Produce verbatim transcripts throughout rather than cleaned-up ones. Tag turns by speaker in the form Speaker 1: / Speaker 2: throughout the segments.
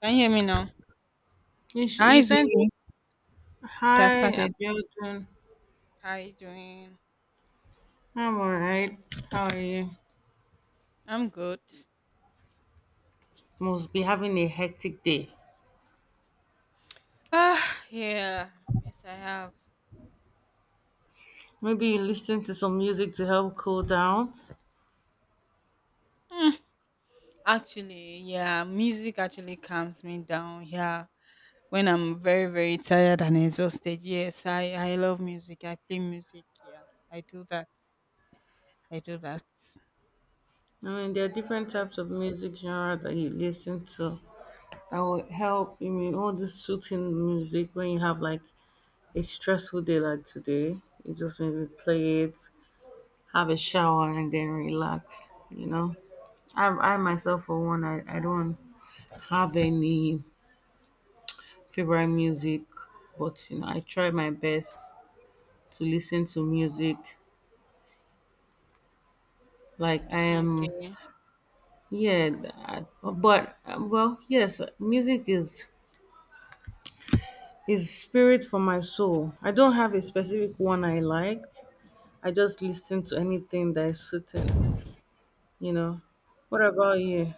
Speaker 1: Can you hear me now?
Speaker 2: You, sh-
Speaker 1: Hi
Speaker 2: you sent.
Speaker 1: V, just
Speaker 2: Hi,
Speaker 1: started.
Speaker 2: Abiodun.
Speaker 1: How you doing?
Speaker 2: I'm alright. How are you?
Speaker 1: I'm good.
Speaker 2: Must be having a hectic day.
Speaker 1: Ah, yeah. Yes, I have.
Speaker 2: Maybe you listen to some music to help cool down.
Speaker 1: Mm, Actually, yeah, music actually calms me down. Yeah, when I'm very, very tired and exhausted. Yes, I I love music. I play music. Yeah, I do that. I do that.
Speaker 2: I mean, there are different
Speaker 1: I-
Speaker 2: types of music genre that you listen to that will help. I mean, all this soothing music when you have like a stressful day like today, you just maybe play it, have a shower, and then relax. You know, I, I myself for one, I, I don't have any favorite music, but you know, I try my best to listen to music. Like I am,
Speaker 1: Okay.
Speaker 2: yeah, I, but uh, well, yes, music is is spirit for my soul. I don't have a specific one I like. I just listen to anything that is suiting. You know, what about you?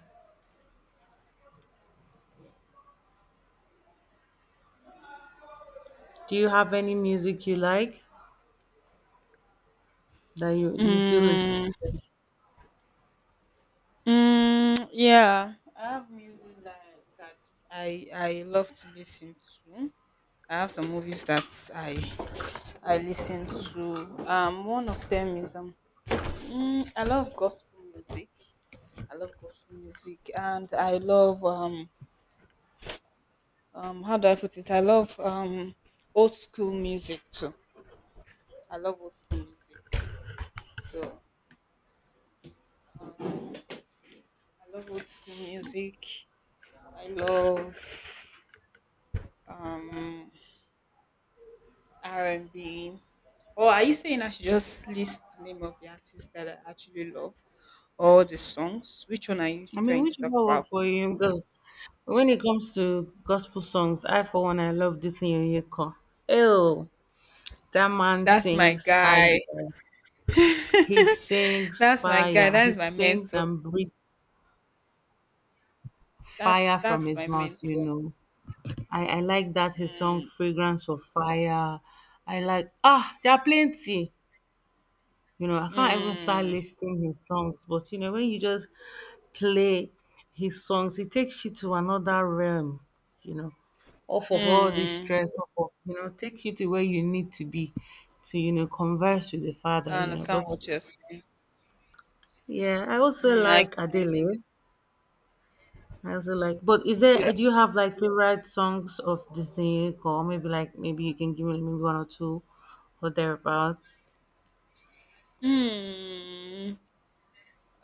Speaker 2: Do you have any music you like that you you feel is
Speaker 1: Mm,
Speaker 2: suited?
Speaker 1: mm, yeah, I have music that that I I love to listen to. I have some movies that I I listen to. Um, one of them is um, mm, I love gospel music. I love gospel music, and I love um, um, how do I put it? I love um, old school music too. I love old school music. So I love old school music. I love um R and B. Or are you saying I should just list the name of the artist that I actually love, or the songs? Which one are you
Speaker 2: I mean,
Speaker 1: trying
Speaker 2: which
Speaker 1: to
Speaker 2: one
Speaker 1: talk
Speaker 2: work
Speaker 1: about?
Speaker 2: for you? Because when it comes to gospel songs, I for one I love this Yonyeko. Oh, that man
Speaker 1: That's my
Speaker 2: sings fire.
Speaker 1: guy.
Speaker 2: He sings
Speaker 1: That's my guy.
Speaker 2: fire.
Speaker 1: That's
Speaker 2: He
Speaker 1: my
Speaker 2: sings
Speaker 1: mentor.
Speaker 2: and breathes
Speaker 1: That's
Speaker 2: fire from
Speaker 1: that's my
Speaker 2: his mouth. You
Speaker 1: mentor.
Speaker 2: know, I I like that his song
Speaker 1: Mm,
Speaker 2: "Fragrance of Fire." I like ah, there are plenty. You know, I can't even start
Speaker 1: mm,
Speaker 2: listing his songs, but you know, when you just play his songs. He takes you to another realm, you know, off of all this
Speaker 1: mm.
Speaker 2: stress, off of, you know, takes you to where you need to be to, you know, converse with the father,
Speaker 1: I
Speaker 2: you know.
Speaker 1: understand
Speaker 2: But
Speaker 1: what you're saying.
Speaker 2: yeah, I also
Speaker 1: Mm, I
Speaker 2: like
Speaker 1: can.
Speaker 2: Adele. I also like, but is
Speaker 1: Yeah.
Speaker 2: there, do you have like favorite songs of Disney or maybe like, maybe you can give me maybe one or two or thereabout?
Speaker 1: Mm,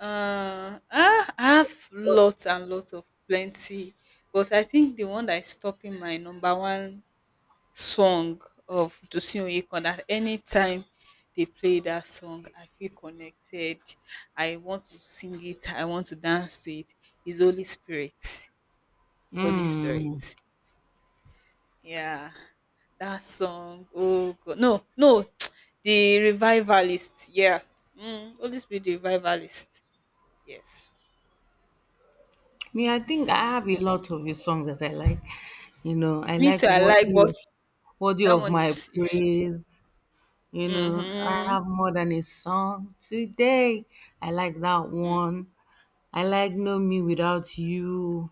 Speaker 1: uh, I have lots and lots of plenty, but I think the one that is stopping my number one song of Tosin Oyekan that anytime they play that song, I feel connected. I want to sing it. I want to dance to it. It's Holy Spirit. Holy
Speaker 2: Mm.
Speaker 1: Spirit. Yeah. That song. Oh God. No, no. The revivalist. Yeah. Mm, Holy Spirit, the revivalist. Yes.
Speaker 2: Me, I think I have a
Speaker 1: Mm.
Speaker 2: lot of his songs that I like. You know, I
Speaker 1: Me too,
Speaker 2: like
Speaker 1: I like,
Speaker 2: Worthy
Speaker 1: but
Speaker 2: of, Worthy
Speaker 1: that
Speaker 2: of
Speaker 1: one
Speaker 2: My
Speaker 1: is. is
Speaker 2: Praise. You know, I
Speaker 1: Mm-hmm,
Speaker 2: have more than a song today. I like that one. I like Know Me Without You.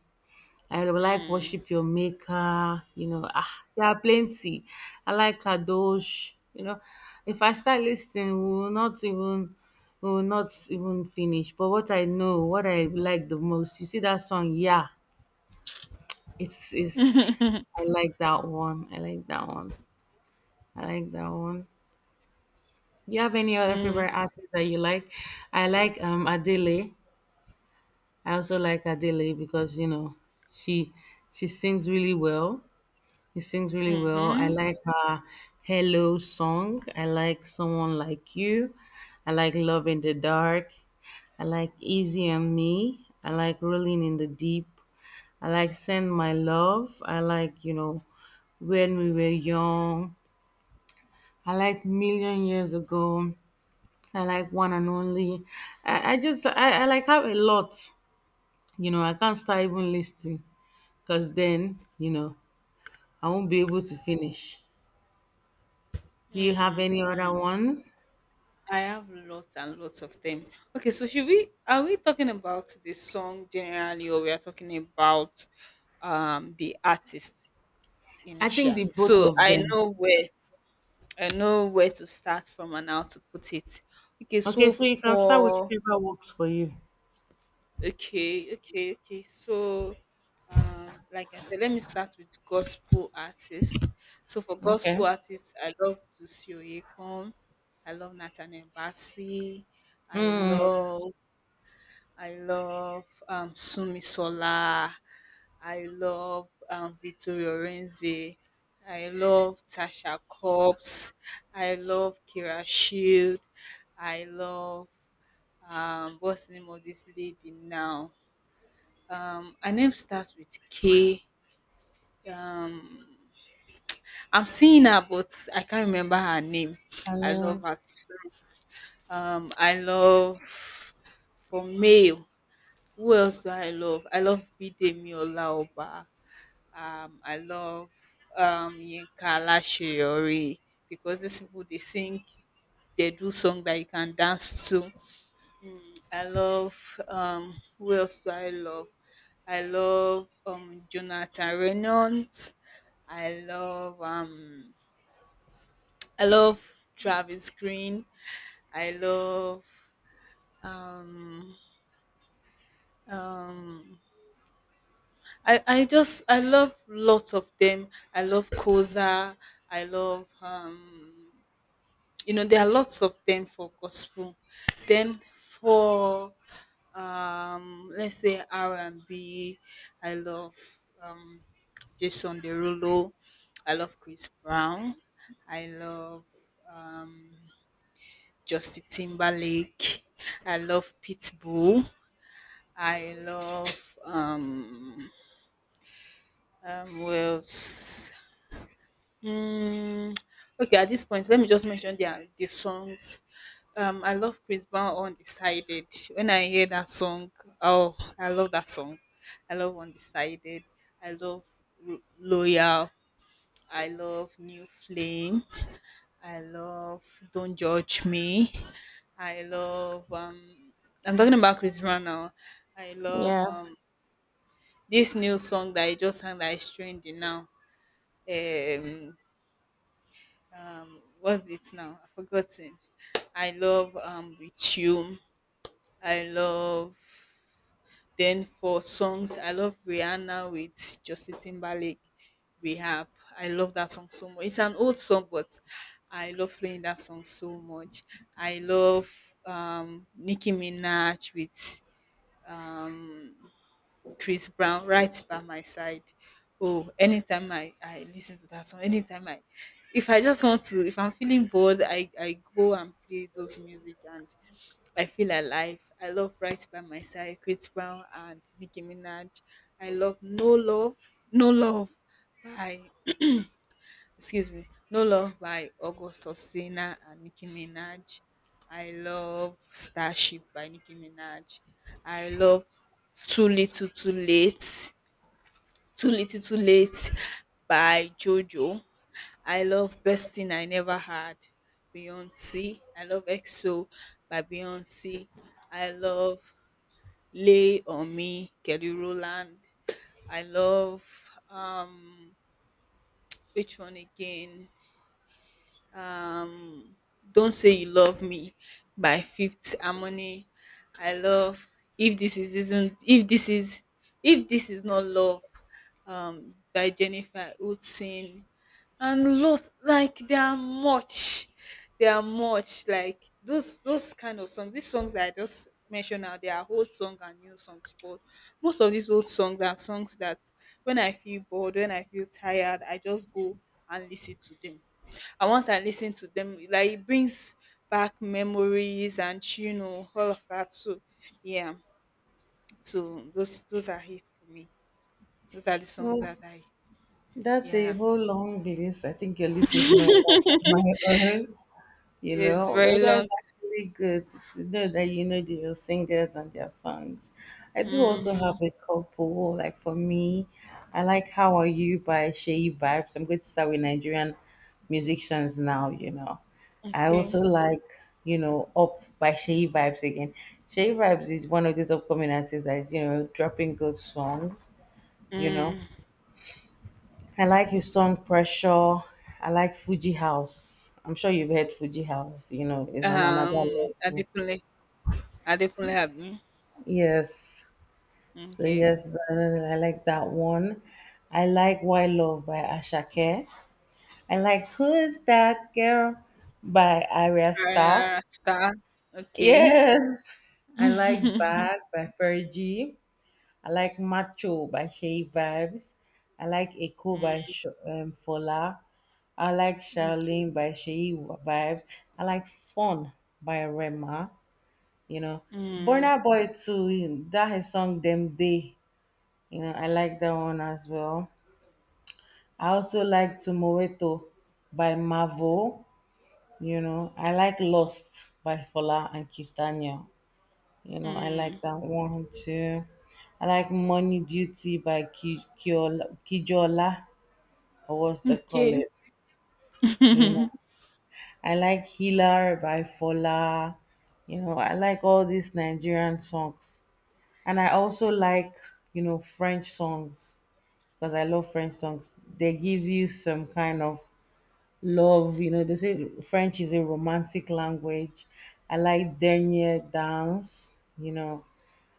Speaker 2: I like
Speaker 1: mm-hmm,
Speaker 2: Worship Your Maker. You know, ah, there are plenty. I like Kadosh. You know, if I start listening, we will not even we will not even finish. But what I know, what I like the most, you see that song, yeah. It's it's I like that one. I like that one. I like that one. Do you have any other favorite artists that you like? I like um Adele. I also like Adele because you know she she sings really well. She sings really well. I
Speaker 1: mm-hmm.
Speaker 2: like her Hello song. I like Someone Like You. I like Love in the Dark. I like Easy on Me. I like Rolling in the Deep. I like Send My Love. I like, you know, When We Were Young. I like Million Years Ago. I like one and only. I, I just I, I like have a lot. You know, I can't start even listing because then, you know, I won't be able to finish. Do you have
Speaker 1: Mm,
Speaker 2: any other
Speaker 1: mm.
Speaker 2: ones?
Speaker 1: I have lots and lots of them. Okay, so should we are we talking about the song generally or we are talking about um the artist
Speaker 2: I think the
Speaker 1: initially?
Speaker 2: both
Speaker 1: So
Speaker 2: of
Speaker 1: I
Speaker 2: them.
Speaker 1: know where I know where to start from and how to put it. Okay,
Speaker 2: Okay,
Speaker 1: so
Speaker 2: so you can start with
Speaker 1: for
Speaker 2: whichever works for you.
Speaker 1: okay, okay, okay. So Um, like I said, let me start with gospel artists. So for gospel
Speaker 2: Okay.
Speaker 1: artists, I love Tusi Oyekan. I love Nathaniel Bassey. I
Speaker 2: Mm.
Speaker 1: love I love um, Sumi Sola. I love um, Vittorio Renzi. I love Tasha Cobbs. I love Kira Shield. I love um, what's the name of this lady now? Um, her name starts with K. Um, I am seeing her, but I can't remember her name.
Speaker 2: I
Speaker 1: I love
Speaker 2: mean,
Speaker 1: her too. Um, I love for male. Who else do I love? I love Bidemi Olaoba. Um, I love um Yinka Alaseyori because these people they sing, they do song that you can dance to. Mm, I love um who else do I love? I love um Jonathan Reynolds. I love um I love Travis Green. I love um um I I just I love lots of them. I love Koza. I love um you know there are lots of them for gospel. Then for um let's say R and B, I love um Jason Derulo. I love Chris Brown. I love um Justin Timberlake. I love Pitbull. I love um um who else? Hmm, okay, at this point, let me just mention the the songs. Um, I love Chris Brown Undecided. When I hear that song, oh, I love that song. I love Undecided. I love Ro- Loyal. I love New Flame. I love Don't Judge Me. I love um I'm talking about Chris Brown now. I love
Speaker 2: yes.
Speaker 1: um this new song that I just sang that is trending now. Um um what's it now? I forgotten. I love um with you. I love then for songs, I love Rihanna with Justin Timberlake, Rehab. I love that song so much. It's an old song, but I love playing that song so much. I love um, Nicki Minaj with um, Chris Brown right by my side. Oh, anytime I, I listen to that song, anytime I if I just want to, if I'm feeling bored, I, I go and play those music and I feel alive. I love Right by My Side, Chris Brown and Nicki Minaj. I love No Love, No Love by excuse me, No Love by August Osina and Nicki Minaj. I love Starship by Nicki Minaj. I love Too Little Too Late, Too Little Too Late by Jojo. I love Best Thing I Never Had, Beyonce. I love E X O by Beyonce. I love Lay on Me, Kelly Rowland. I love um which one again? Um Don't Say You Love Me by Fifth Harmony. I love If This Is Isn't If This Is If This Is Not Love um by Jennifer Hudson and lost like they are much they are much like those those kind of songs these songs that I just mentioned now they are old songs and new songs but most of these old songs are songs that when I feel bored when I feel tired I just go and listen to them and once I listen to them like it brings back memories and you know all of that so yeah so those those are it for me those are the songs
Speaker 2: Well,
Speaker 1: that I
Speaker 2: that's a
Speaker 1: yeah
Speaker 2: whole long list. I think your list is longer than my own. You
Speaker 1: it's
Speaker 2: know,
Speaker 1: very
Speaker 2: but
Speaker 1: long
Speaker 2: that's actually good to know that you know the your singers and their songs. I do also have
Speaker 1: mm,
Speaker 2: a couple. Like for me, I like "How Are You" by Shea Vibes. I'm going to start with Nigerian musicians now. You know, I
Speaker 1: okay.
Speaker 2: also like you know "Up" by Shea Vibes again. Shea Vibes is one of these upcoming artists that is you know dropping good songs. You know.
Speaker 1: Mm.
Speaker 2: I like his song Pressure. I like Fuji House. I'm sure you've heard Fuji House, you know, it's on another
Speaker 1: Um,
Speaker 2: level.
Speaker 1: Adekunle, Adekunle Abi.
Speaker 2: Yes. So
Speaker 1: Okay.
Speaker 2: yes, uh, I like that one. I like Why Love by Ashake. I like Who's That Girl by Aria Starr.
Speaker 1: Rara Star. Okay.
Speaker 2: Yes. I like Bad by Fergie. I like Macho by Shay Vibes. I like Echo by Sh- um, Fola. I like
Speaker 1: Mm, okay.
Speaker 2: Charlene by Shay Vibes. I like Fun by Rema. You know,
Speaker 1: Mm,
Speaker 2: Burna Boy too. That his song Them Day. You know, I like that one as well. I also like Tumoeto by Mavo. You know, I like Lost by Fola and Kistania. You know, I like
Speaker 1: mm,
Speaker 2: that one too. I like Money Duty by Ki- Kiola- Kijola, or what's the call
Speaker 1: okay.
Speaker 2: it? You
Speaker 1: Mm,
Speaker 2: know, I like Healer by Fola. You know, I like all these Nigerian songs. And I also like, you know, French songs because I love French songs. They give you some kind of love. You know, they say French is a romantic language. I like dernier dance. You know,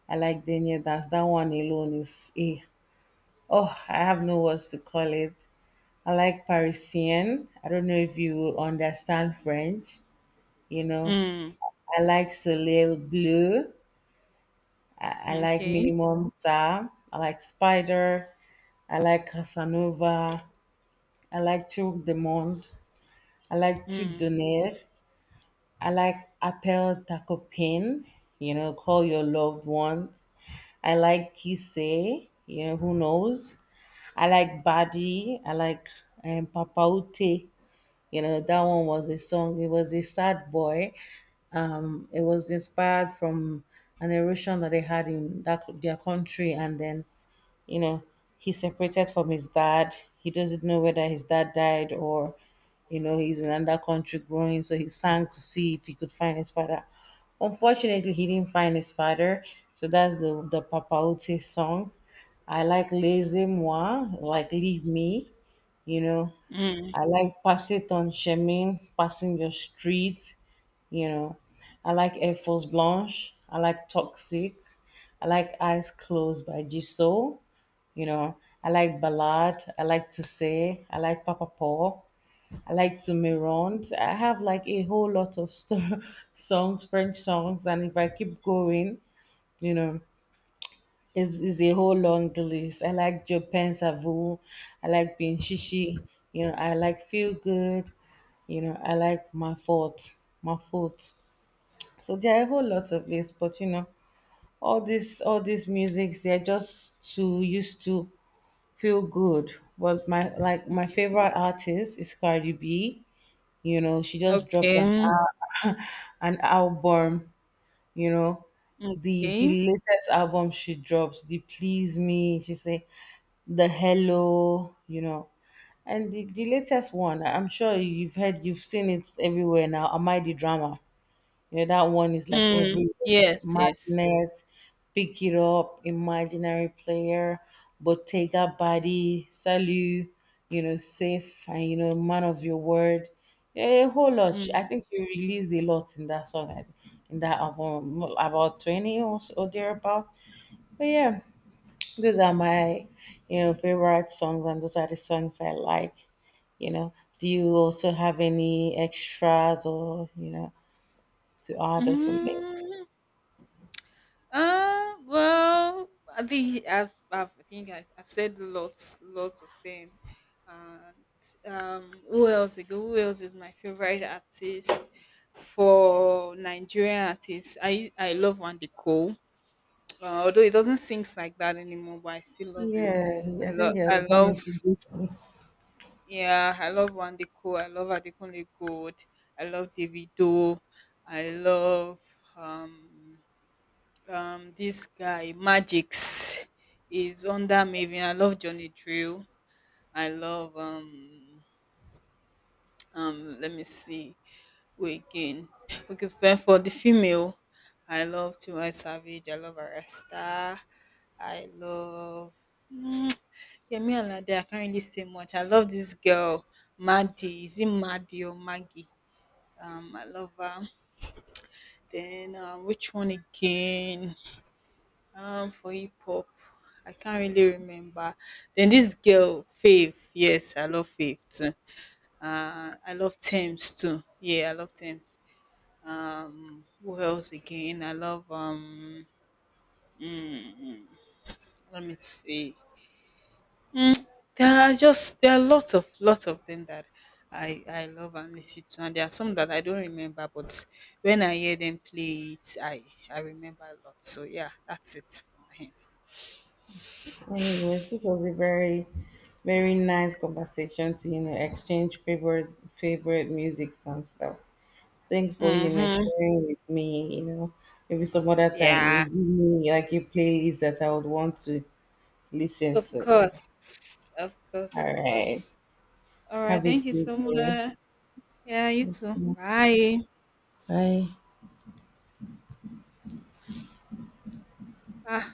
Speaker 2: I like dernier dance. That one alone is a oh, I have no words to call it. I like Parisian. I don't know if you understand French. You know,
Speaker 1: mm,
Speaker 2: I like Soleil Bleu. I, I like
Speaker 1: okay.
Speaker 2: Minimum Sa. I like Spider. I like Casanova. I like Tour de Monde. I like Tuc
Speaker 1: Mm,
Speaker 2: d'Honneur. I like Apple Tacopin, you know, call your loved ones. I like Kise, you know, who knows? I like Badi. I like um, Papa Ute. You know, that one was a song. It was a sad boy. Um, it was inspired from an erosion that they had in that their country, and then you know he's separated from his dad. He doesn't know whether his dad died or you know he's in another country growing, so he sang to see if he could find his father. Unfortunately he didn't find his father. So that's the the papauti song. I like laissez moi, like leave me, you know.
Speaker 1: mm,
Speaker 2: I like Pass It on Chemin, Passing Your Street, you know. I like Air Force Blanche. I like Toxic. I like Eyes Closed by G Soul, you know. I like Ballad. I like To Say. I like Papa Paul. I like To Mirand. I have like a whole lot of st- songs, French songs, and if I keep going, you know, it's, it's a whole long list. I like Japan Savu. I like Binshishi. You know, I like Feel Good. You know, I like my fault, my fault. So there are a whole lot of lists, but you know, all this, all these musics, they're just to used to feel good. But my like my
Speaker 1: okay.
Speaker 2: favorite artist is Cardi B. You know, she just dropped an, al- an album, you know, the
Speaker 1: Okay.
Speaker 2: the latest album she drops the please me she say the hello, you know. And the, the latest one I'm sure you've heard, you've seen it everywhere now, am I the drama, you know, that one is like
Speaker 1: Mm,
Speaker 2: every
Speaker 1: yes, yes.
Speaker 2: magnet, pick it up, imaginary player, Bottega body, Salut, you know, safe, and you know, man of your word. A whole lot. She- I
Speaker 1: Mm.
Speaker 2: think she released a lot in that song, I- in that album, about twenty or, s- or thereabout. But yeah, those are my, you know, favorite songs, and those are the songs I like, you know. Do you also have any extras or you know to add or something?
Speaker 1: Mm. Uh, well, I think I've, I've I think I've, I've said lots, lots of them. And um, who else again? Who else is my favorite artist for Nigerian artists? I I love Andy Cole. Uh, although he doesn't sing like that anymore, but I still love him.
Speaker 2: Yeah,
Speaker 1: I
Speaker 2: I
Speaker 1: love,
Speaker 2: think he has
Speaker 1: I
Speaker 2: gone
Speaker 1: love,
Speaker 2: into this.
Speaker 1: yeah, I love Andy Cole. I love Adekunle Gold. I love Davido. I love um um this guy Magix is under Maven. I love Johnny Drill. I love um um let me see who again. Okay, for for the female, I love Tiwa Savage, I love Arasta, I love mm, Yemi Alade. I can't really say much. I love this girl, Maddie. Is it Maddie or Maggie? Um I love her. Then um, which one again? Um, for hip hop, I can't really remember. Then this girl Faith, yes, I love Faith too. Uh, I love Thames too. Yeah, I love Thames. Um, who else again? I love um. mm, mm, let me see. Mm, there are just there are lots of lots of them that I I love and listen to, and there are some that I don't remember, but when I hear them play it, I I remember a lot. So yeah, that's it for my hand.
Speaker 2: Anyways, this was a very, very nice conversation to you know exchange favorite favorite musics and stuff. Thanks for you know
Speaker 1: Mm-hmm.
Speaker 2: sharing with me. You know, maybe some other time you
Speaker 1: Yeah.
Speaker 2: give me like a playlist that I would want to listen
Speaker 1: Of
Speaker 2: to. You know.
Speaker 1: course. Of course,
Speaker 2: All
Speaker 1: of
Speaker 2: right,
Speaker 1: course. All right.
Speaker 2: have a
Speaker 1: Thank you
Speaker 2: good
Speaker 1: so
Speaker 2: day.
Speaker 1: much. Yeah, you
Speaker 2: Thanks.
Speaker 1: too. Bye.
Speaker 2: Bye.
Speaker 1: Ah.